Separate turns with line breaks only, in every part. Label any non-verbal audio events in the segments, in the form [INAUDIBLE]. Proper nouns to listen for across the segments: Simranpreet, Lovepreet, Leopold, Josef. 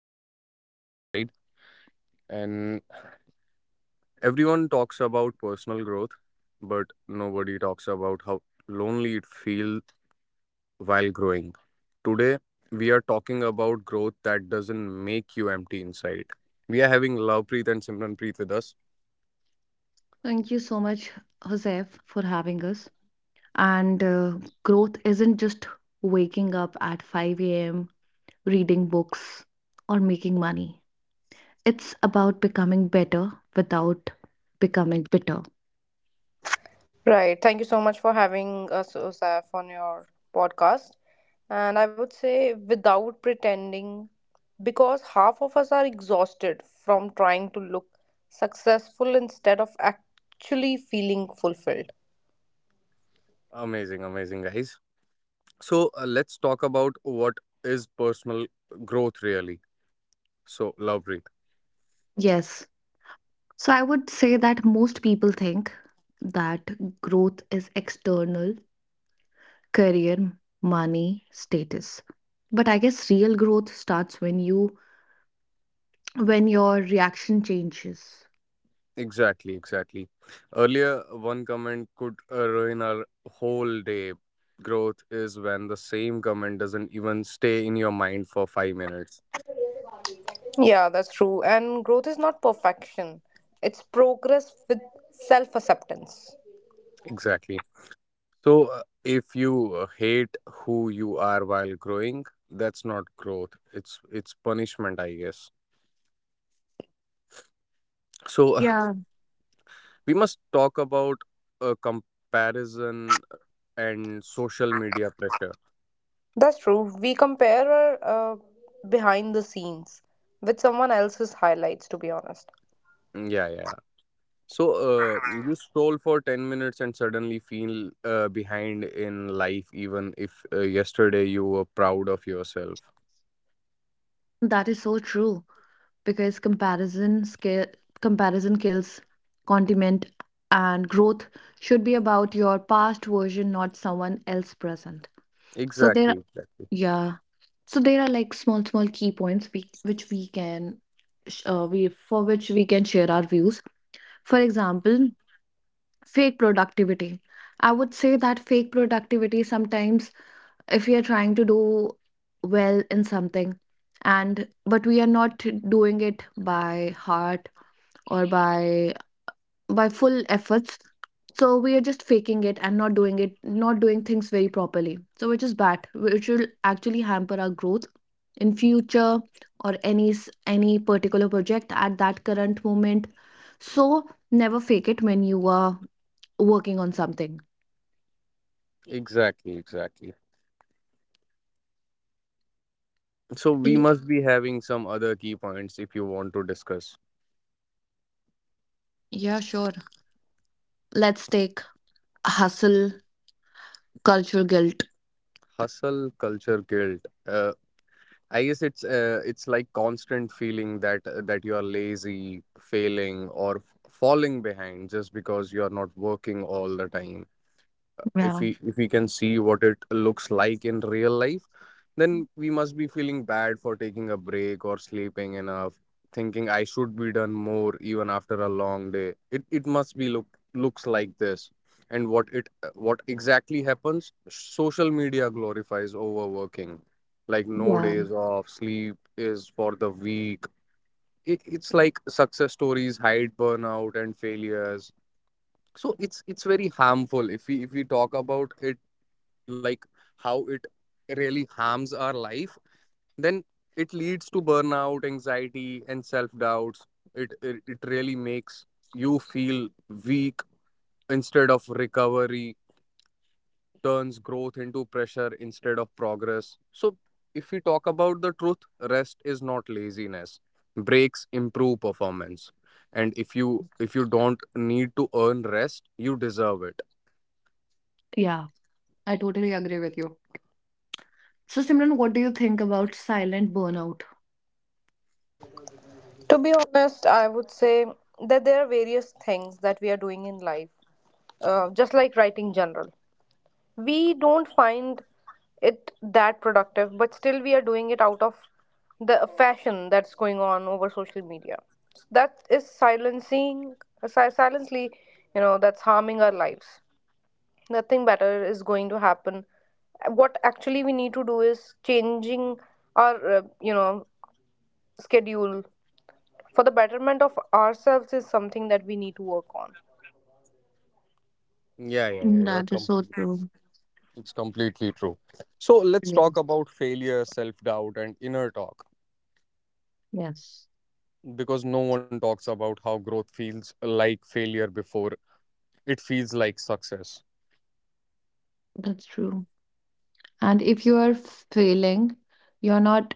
guys, who's at this side? And everyone talks about personal growth, but nobody talks about how lonely it feels while growing. Today, we are talking about growth that doesn't make you empty inside. We are having Lovepreet and Simranpreet with us.
Thank you so much, Josef, for having us. And Growth isn't just waking up at 5 a.m., reading books, or making money. It's about becoming better without becoming bitter.
Right. Thank you so much for having us, Osaf, on your podcast. And I would say, without pretending, because half of us are exhausted from trying to look successful instead of actually feeling fulfilled.
Amazing, amazing, guys. So, let's talk about what is personal growth really. So, Lovepreet.
Yes. So I would say that most people think that growth is external, career, money, status. But I guess real growth starts when your reaction changes.
Exactly, exactly. Earlier, one comment could ruin our whole day. Growth is when the same comment doesn't even stay in your mind for 5 minutes.
Yeah, that's true. And growth is not perfection, it's progress with self acceptance.
Exactly. So, if you hate who you are while growing, that's not growth. It's punishment, I guess. So,
Yeah.
we must talk about comparison and social media pressure.
That's true. We compare our behind the scenes with someone else's highlights, to be honest.
Mm, yeah, yeah. So, you scroll for 10 minutes and suddenly feel behind in life, even if yesterday you were proud of yourself.
That is so true because comparison kills condiment, and growth should be about your past version, not someone else present. So
Exactly,
there
exactly.
Yeah. So there are like small key points which we can, sh- we for which we can share our views. For example, fake productivity. I would say that fake productivity sometimes, if we are trying to do well in something, and but we are not doing it by heart or by full efforts, so we are just faking it and not doing things very properly, so which is bad, which will actually hamper our growth in future, or any any particular project at that current moment. So never fake it when you are working on something.
Exactly, exactly. So, we
Y-
must be having some other key points if you want to discuss.
Yeah, sure. Let's take hustle culture guilt.
Hustle culture guilt. I guess it's like constant feeling that that you are lazy, failing, or falling behind just because you are not working all the time. if
Yeah.
we if we can see what it looks like in real life, then we must be feeling bad for taking a break or sleeping enough, thinking I should be done more. Even after a long day, it must be looks like this. And what it, what exactly happens, social media glorifies overworking like no
Yeah,
days off, sleep is for the weak. It's like success stories hide burnout and failures. So it's very harmful if we talk about it, like how it really harms our life. Then it leads to burnout, anxiety, and self doubts. It really makes you feel weak instead of recovery, turns growth into pressure instead of progress. So if we talk about the truth, rest is not laziness, breaks improve performance, and if you don't need to earn rest, you deserve it.
yeah, I totally agree with you. So Simran, what do you think about silent burnout?
To be honest, I would say that there are various things that we are doing in life, just like writing general. We don't find it that productive, but still we are doing it out of the fashion that's going on over social media. So that is silencing, silently, that's harming our lives. Nothing better is going to happen. What actually we need to do is changing our, schedule for the betterment of ourselves is something that we need to work on.
Yeah, yeah, yeah, you're
That is so
complete.
true.
It's completely true. So let's
Yeah.
talk about failure, self doubt, and inner talk,
Yes,
because no one talks about how growth feels like failure before it feels like success.
that's true. And if you are failing, you're not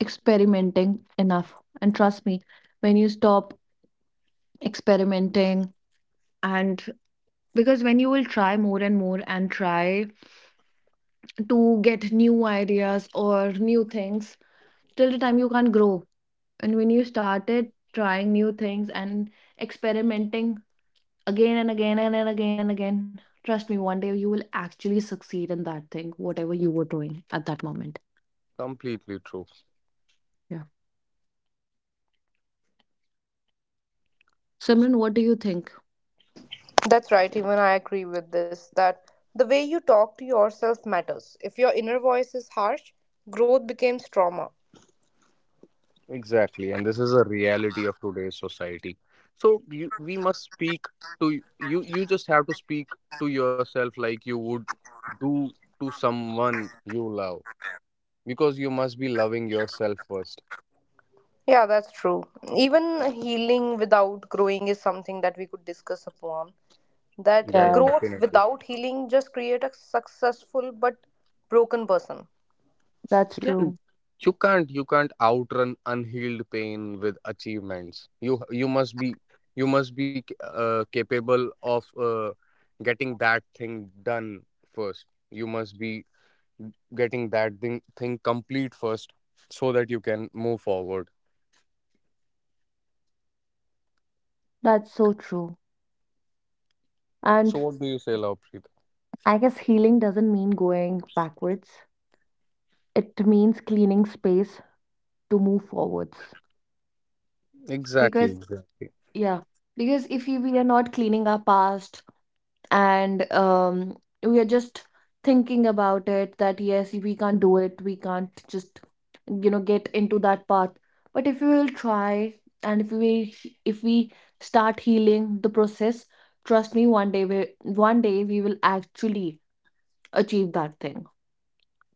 experimenting enough. And trust me, when you stop experimenting, and because when you will try more and more and try to get new ideas or new things, till the time you can't grow. And when you started trying new things and experimenting again and again and again and again, trust me, one day you will actually succeed in that thing, whatever you were doing at that moment.
Completely true.
Yeah. Simran, what do you think?
That's right, even I agree with this that the way you talk to yourself matters. If your inner voice is harsh, growth becomes trauma.
Exactly. And this is a reality of today's society. So we must speak to you. You just have to speak to yourself like you would do to someone you love, because you must be loving yourself first.
Yeah, that's true. Even healing without growing is something that we could discuss upon.
Yeah,
That
yeah,
Yeah,
growth
definitely.
without healing just create a successful but broken person.
that's
Yeah,
true.
you can't outrun unhealed pain with achievements. You must be, you must be capable of getting that thing done first. You must be getting that thing complete first, so that you can move forward.
That's so true.
So
And
what do you say, Lovepreet?
I guess healing doesn't mean going backwards. It means cleaning space to move forwards.
Exactly,
Because
exactly.
yeah, because if we are not cleaning our past, and we are just thinking about it that yes, we can't do it, we can't just, you know, get into that path. But if we will try, and if we start healing the process, trust me, one day we will actually achieve that thing.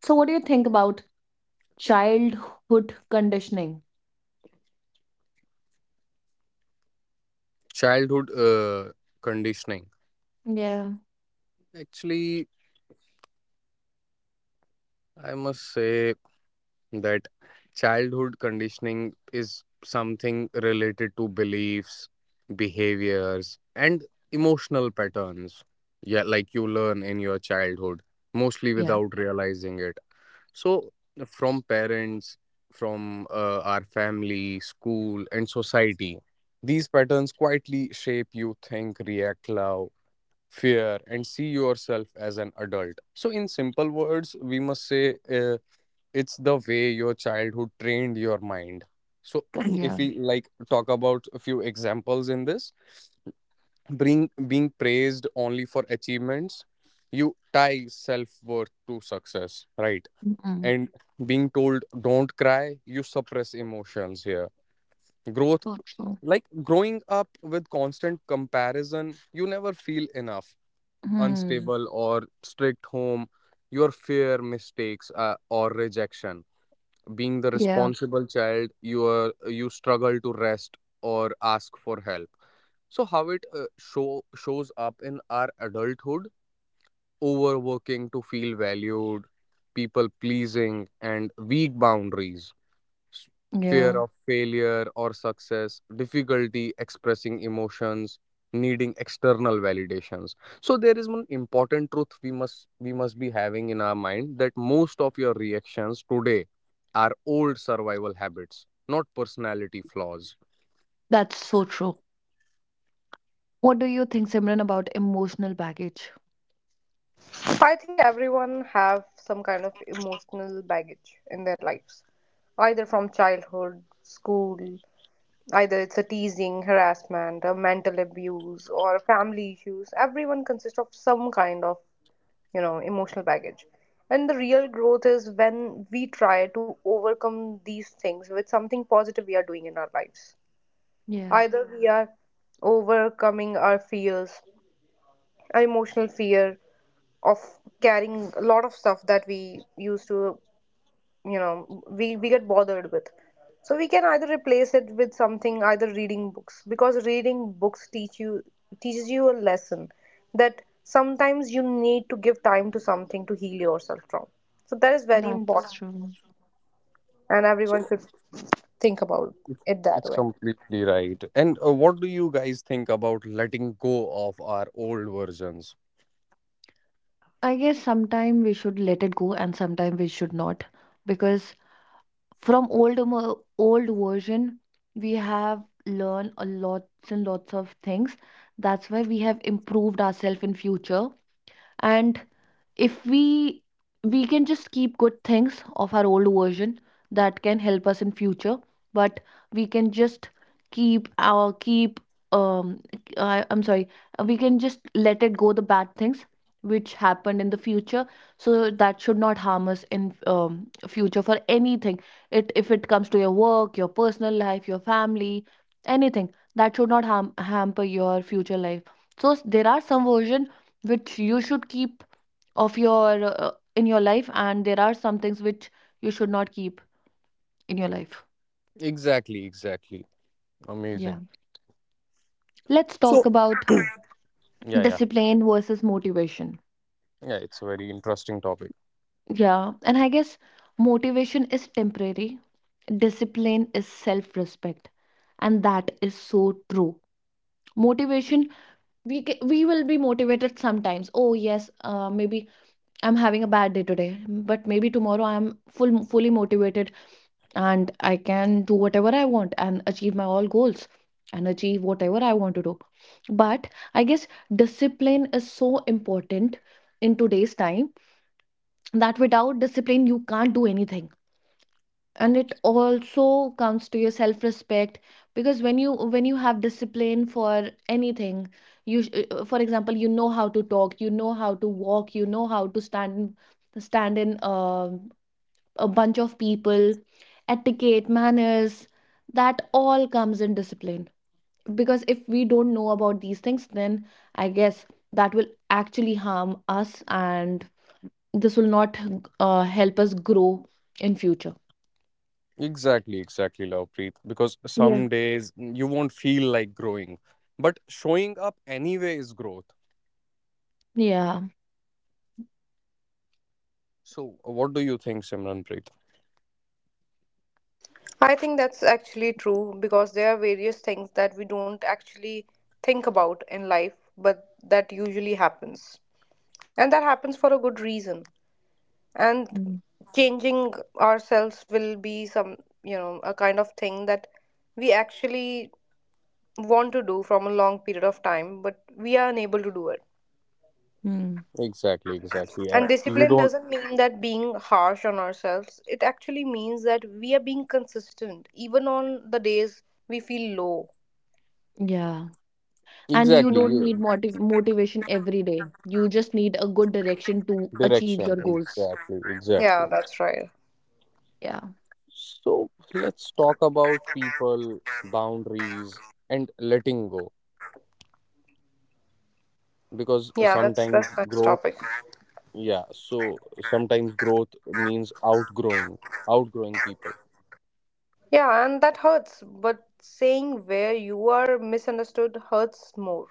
So what do you think about childhood conditioning?
Childhood conditioning.
Yeah,
Actually, I must say that childhood conditioning is something related to beliefs, behaviors, and emotional patterns. Yeah, like you learn in your childhood, mostly
yeah,
without realizing it. So, from parents, from our family, school, and society, these patterns quietly shape you think, react, love, fear, and see yourself as an adult. So, in simple words, we must say. It's the way your childhood trained your mind. So [CLEARS THROAT]
yeah.
if we like talk about a few examples in this, being praised only for achievements, you tie self-worth to success, right?
Mm-mm.
And being told don't cry, you suppress emotions here, growth,
So true.
like growing up with constant comparison, you never feel enough.
Hmm.
Unstable or strict home, your fear mistakes or rejection. Being the
Yeah.
responsible child you are, you struggle to rest or ask for help. So how it shows up in our adulthood: overworking to feel valued, people pleasing and weak boundaries, s- fear
Yeah,
of failure or success, difficulty expressing emotions, needing external validations. So there is one important truth we must be having in our mind, that most of your reactions today are old survival habits, not personality flaws.
that's so true. What do you think, Simran, about emotional baggage?
I think everyone have some kind of emotional baggage in their lives, either from childhood, school. Either it's a teasing, harassment, or mental abuse, or family issues. Everyone consists of some kind of, emotional baggage. And the real growth is when we try to overcome these things with something positive we are doing in our lives.
Yeah,
Either we are overcoming our fears, our emotional fear of carrying a lot of stuff that we used to, we get bothered with, so we can either replace it with something, either reading books, because reading books teaches you a lesson that sometimes you need to give time to something to heal yourself from. So that is very
that's
important,
true.
and
So
everyone should think about
it's,
it that
it's
way.
completely right. And what do you guys think about letting go of our old versions?
I guess sometime we should let it go and sometime we should not, because from old version we have learned a lots and lots of things. That's why we have improved ourselves in future. And if we, we can just keep good things of our old version that can help us in future. But we can just keep our keep um I, I'm sorry, we can just let it go the bad things which happened in the future, so that should not harm us in future for anything. It if it comes to your work, your personal life, your family, anything, that should not harm hamper your future life. So there are some version which you should keep of your in your life, and there are some things which you should not keep in your life.
Exactly, exactly.
Yeah,
Amazing.
let's talk
So
about
[CLEARS THROAT] yeah, yeah.
discipline versus motivation.
Yeah, it's a very interesting topic.
Yeah, and I guess motivation is temporary, discipline is self respect. And that is so true. Motivation, we will be motivated sometimes. Oh yes, maybe I'm having a bad day today, but maybe tomorrow I'm fully motivated, and I can do whatever I want and achieve my all goals and achieve whatever I want to do. But I guess discipline is so important in today's time, that without discipline, you can't do anything. And it also comes to your self respect. Because when you have discipline for anything, you for example, you know how to talk, you know how to walk, you know how to stand in a bunch of people, etiquette, manners, that all comes in discipline. Because if we don't know about these things, then I guess that will actually harm us, and this will not help us grow in future.
Exactly, exactly, Lovepreet. Because
Yeah.
some days you won't feel like growing, but showing up anyway is growth.
Yeah.
So, what do you think, Simranpreet?
I think that's actually true, because there are various things that we don't actually think about in life, but that usually happens, and that happens for a good reason. And
Mm.
changing ourselves will be some, you know, a kind of thing that we actually want to do from a long period of time, but we are unable to do it.
Mm.
Exactly, exactly.
And
You
discipline
don't,
doesn't mean that being harsh on ourselves, it actually means that we are being consistent even on the days we feel low.
Yeah. And you
exactly
Yeah,
don't need
you,
motivation every day. You just need a good direction to achieve
direction.
your goals.
Exactly,
yeah,
exactly.
that's right.
Yeah.
So let's talk about people, boundaries, and letting go. Because
Yeah, that's
sometimes
nice
growth,
topic.
yeah. So sometimes growth means outgrowing, outgrowing people.
Yeah, and that hurts, but saying where you are misunderstood hurts more.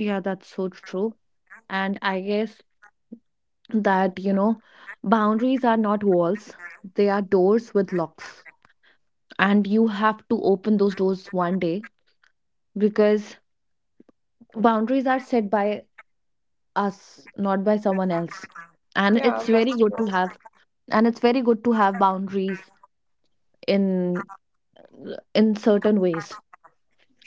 Yeah, that's so true. And I guess that, you know, boundaries are not walls, they are doors with locks, and you have to open those doors one day. Because boundaries are set by us, not by someone else, and
Yeah,
it's very
that's
good
true.
to have. And it's very good to have boundaries in certain ways.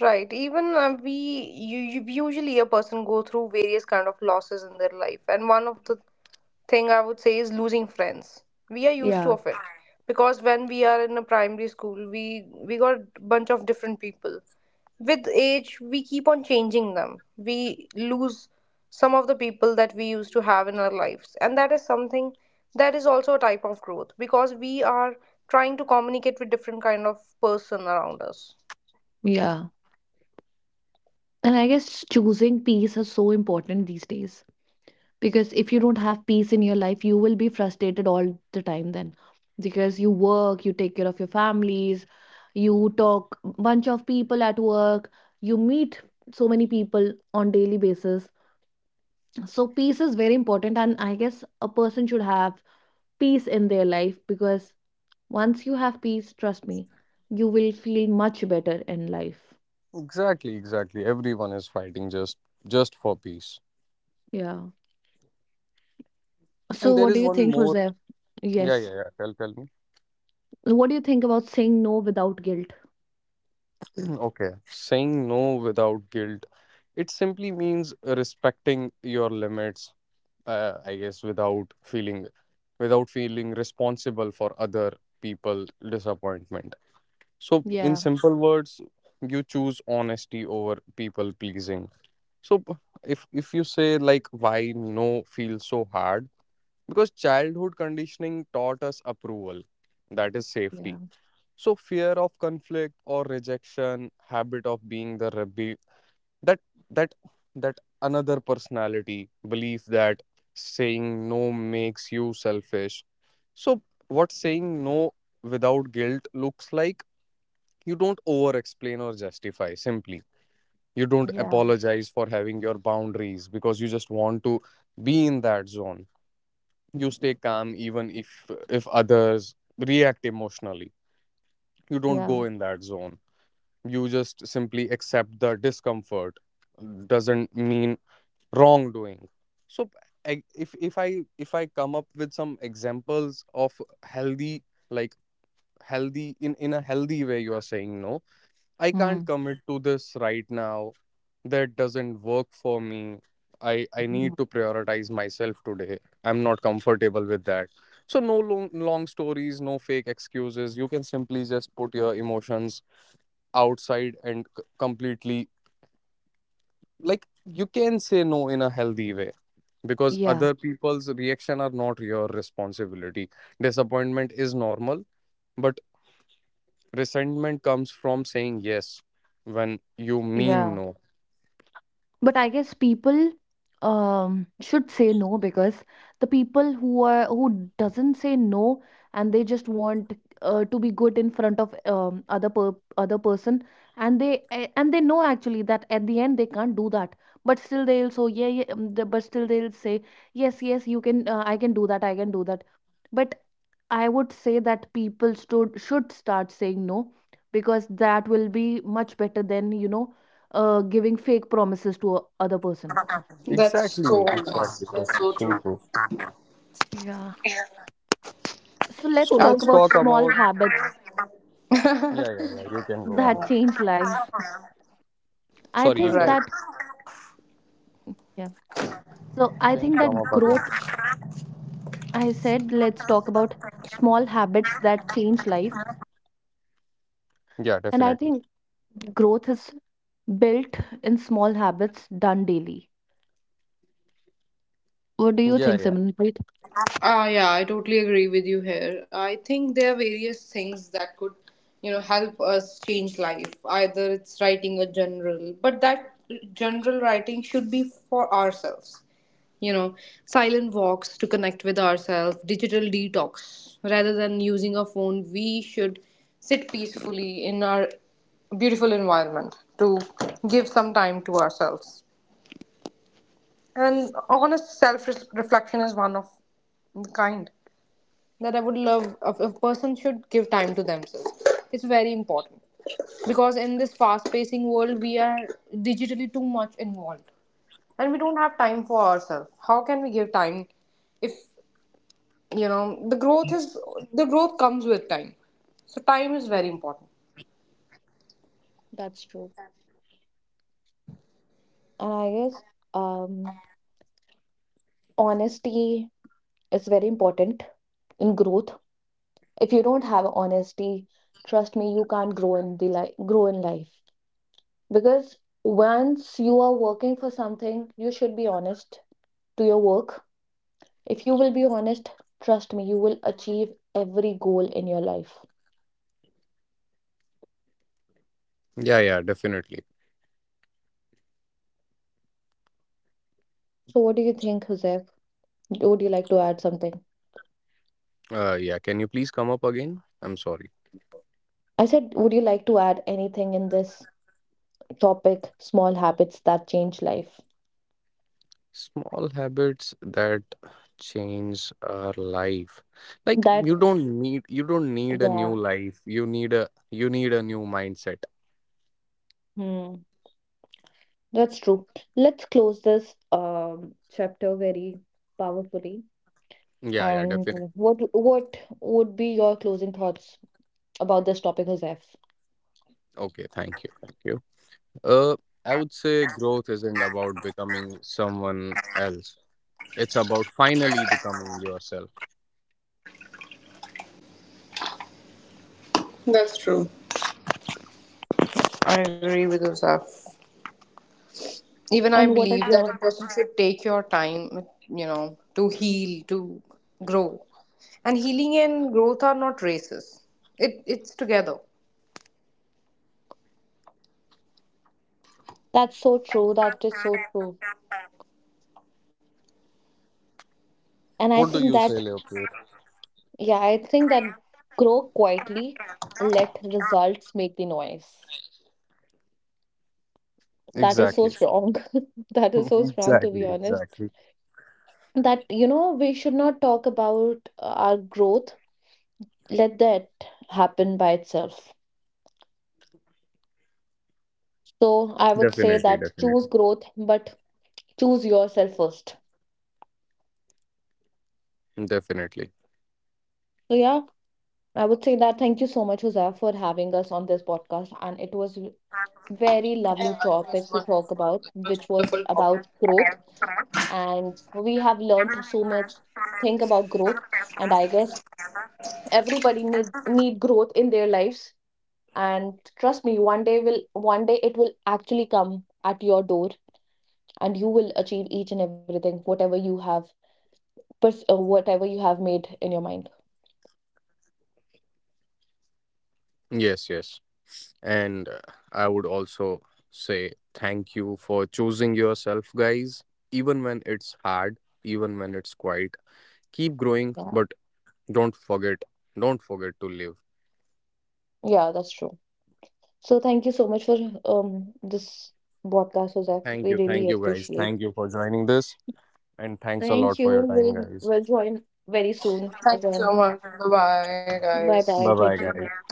Right. Even you usually a person go through various kind of losses in their life, and one of the thing I would say is losing friends. We are used to
Yeah.
of it, because when we are in a primary school, we got bunch of different people. With age, we keep on changing them. We lose some of the people that we used to have in our lives, and that is something that is also a type of growth because we are trying to communicate with different kind of person around us.
Yeah, and I guess choosing peace is so important these days, because if you don't have peace in your life, you will be frustrated all the time then. Because you work, you take care of your families, you talk bunch of people at work, you meet so many people on daily basis. So peace is very important, and I guess a person should have peace in their life. Because once you have peace, trust me, you will feel much better in life.
Exactly, exactly. Everyone is fighting just for peace.
Yeah.
And
So
there
what do
is
you
one
think,
more.
Jose?
Yeah,
Yes.
yeah, yeah. Tell, tell me.
What do you think about saying no without guilt?
[CLEARS THROAT] Okay. Saying no without guilt, it simply means respecting your limits. I guess without feeling responsible for other people disappointment. So, in
Yeah.
simple words, you choose honesty over people pleasing. So, if you say like why no feels so hard. Because childhood conditioning taught us approval, that is
Yeah.
safety. So fear of conflict or rejection, habit of being the rebel, that that that another personality, belief that saying no makes you selfish. So what saying no without guilt looks like, you don't over explain or justify simply. You don't
Yeah,
apologize for having your boundaries, because you just want to be in that zone. You stay calm even if others react emotionally, you don't
yeah.
go in that zone. You just simply accept the discomfort doesn't mean wrongdoing. So I- if if i if I come up with some examples of healthy, like healthy, in a healthy way you are saying no: I can't
Mm.
commit to this right now. That doesn't work for me. I need
Mhm.
to prioritize myself today. I'm not comfortable with that. So no long stories, no fake excuses. You can simply just put your emotions outside and completely, like you can say no in a healthy way, because
Yeah,
other people's reaction are not your responsibility. Disappointment is normal, but resentment comes from saying yes when you mean
yeah.
no.
But I guess people should say no, because the people who are who doesn't say no, and they just want to be good in front of other person, and they and they know actually that at the end they can't do that, but still they'll. So yeah, yeah, but still they'll say yes, yes you can, I can do that, I can do that. But I would say that people should start saying no, because that will be much better than, you know, giving fake promises to a other person.
That's so
Exactly,
nice.
exactly.
That's
That's so true.
Yeah. So
So
let's talk
let's
about
talk
small
about.
habits
Yeah, yeah, yeah. You can go on.
that change life. I
Sorry, you
think
can.
right.
that, yeah. So I
Can you
think
come
that
up again?
growth, I said, let's talk about small habits that change life.
Yeah,
And I
definitely.
think growth is built in small habits done daily. What do you
Yeah,
think,
yeah.
Simran? Right?
Ah, yeah, I totally agree with you here. I think there are various things that could, you know, help us change life. Either it's writing a general, but that general writing should be for ourselves. You know, silent walks to connect with ourselves, digital detox. Rather than using a phone, we should sit peacefully in our beautiful environment to give some time to ourselves. And honest self reflection is one of the kind that I would love. If a person should give time to themselves, it's very important, because in this fast pacing world, we are digitally too much involved and we don't have time for ourselves. How can we give time if, you know the growth is the growth comes with time? So, time is very important.
That's true. And I guess um, honesty is very important in growth. If you don't have honesty, trust me, you can't grow in the life grow in life. Because once you are working for something, you should be honest to your work. If you will be honest, trust me, you will achieve every goal in your life.
Yeah, yeah, definitely.
So what do you think, Joseph? Would you like to add something?
Yeah, can you please come up again? I'm sorry.
I said, would you like to add anything in this topic, small habits that change life?
Small habits that change our life. Like you
That,
don't need you don't need a
yeah,
new life. You need a new mindset.
hmm, that's true. Let's close this chapter very powerfully.
Yeah, yeah,
And
definitely.
what would be your closing thoughts about this topic, Joseph?
Okay, thank you. Thank you. Uh, I would say growth isn't about becoming someone else. It's about finally becoming yourself.
That's true. I agree with yourself. Even I
And what
believe
are
that a
your
person should take your time, you know, to heal, to grow. And healing and growth are not races, it it's together.
[LAUGHS] that's so true. That is so true. And I
What do
think
you say,
that,
Leopold?
yeah, I think that grow quietly, let results make the noise. That is so
Exactly. [LAUGHS]
strong. [LAUGHS] That is so strong, to
Exactly,
be honest.
exactly.
That, you know, we should not talk about our growth. Let that happen by itself. So I would say
Definitely,
that choose
definitely.
growth, but choose yourself first.
Definitely.
So yeah, I would say that thank you so much, Jose, for having us on this podcast. And it was very lovely
Yeah, it
topic
was
to talk
wonderful,
about,
it was
which was
wonderful talking.
about growth. And we have learned so much thing about growth. And I guess everybody need growth in their lives. And trust me, one day it will actually come at your door, and you will achieve each and everything, whatever you have, whatever you have made in your mind.
Yes, yes. And I would also say thank you for choosing yourself, guys. Even when it's hard, even when it's quiet, keep growing,
Yeah,
but don't forget, don't forget to live.
yeah, that's true. So thank you so much for this podcast, Joseph. We
Thank
really
you, guys.
appreciate.
Thank you for joining this. And thanks a
Thank
lot for
you.
your time, guys.
We'll join very soon
Thank you so
again.
much, bye bye
Bye
guys.
bye.
Bye
Take
bye,
care.
guys.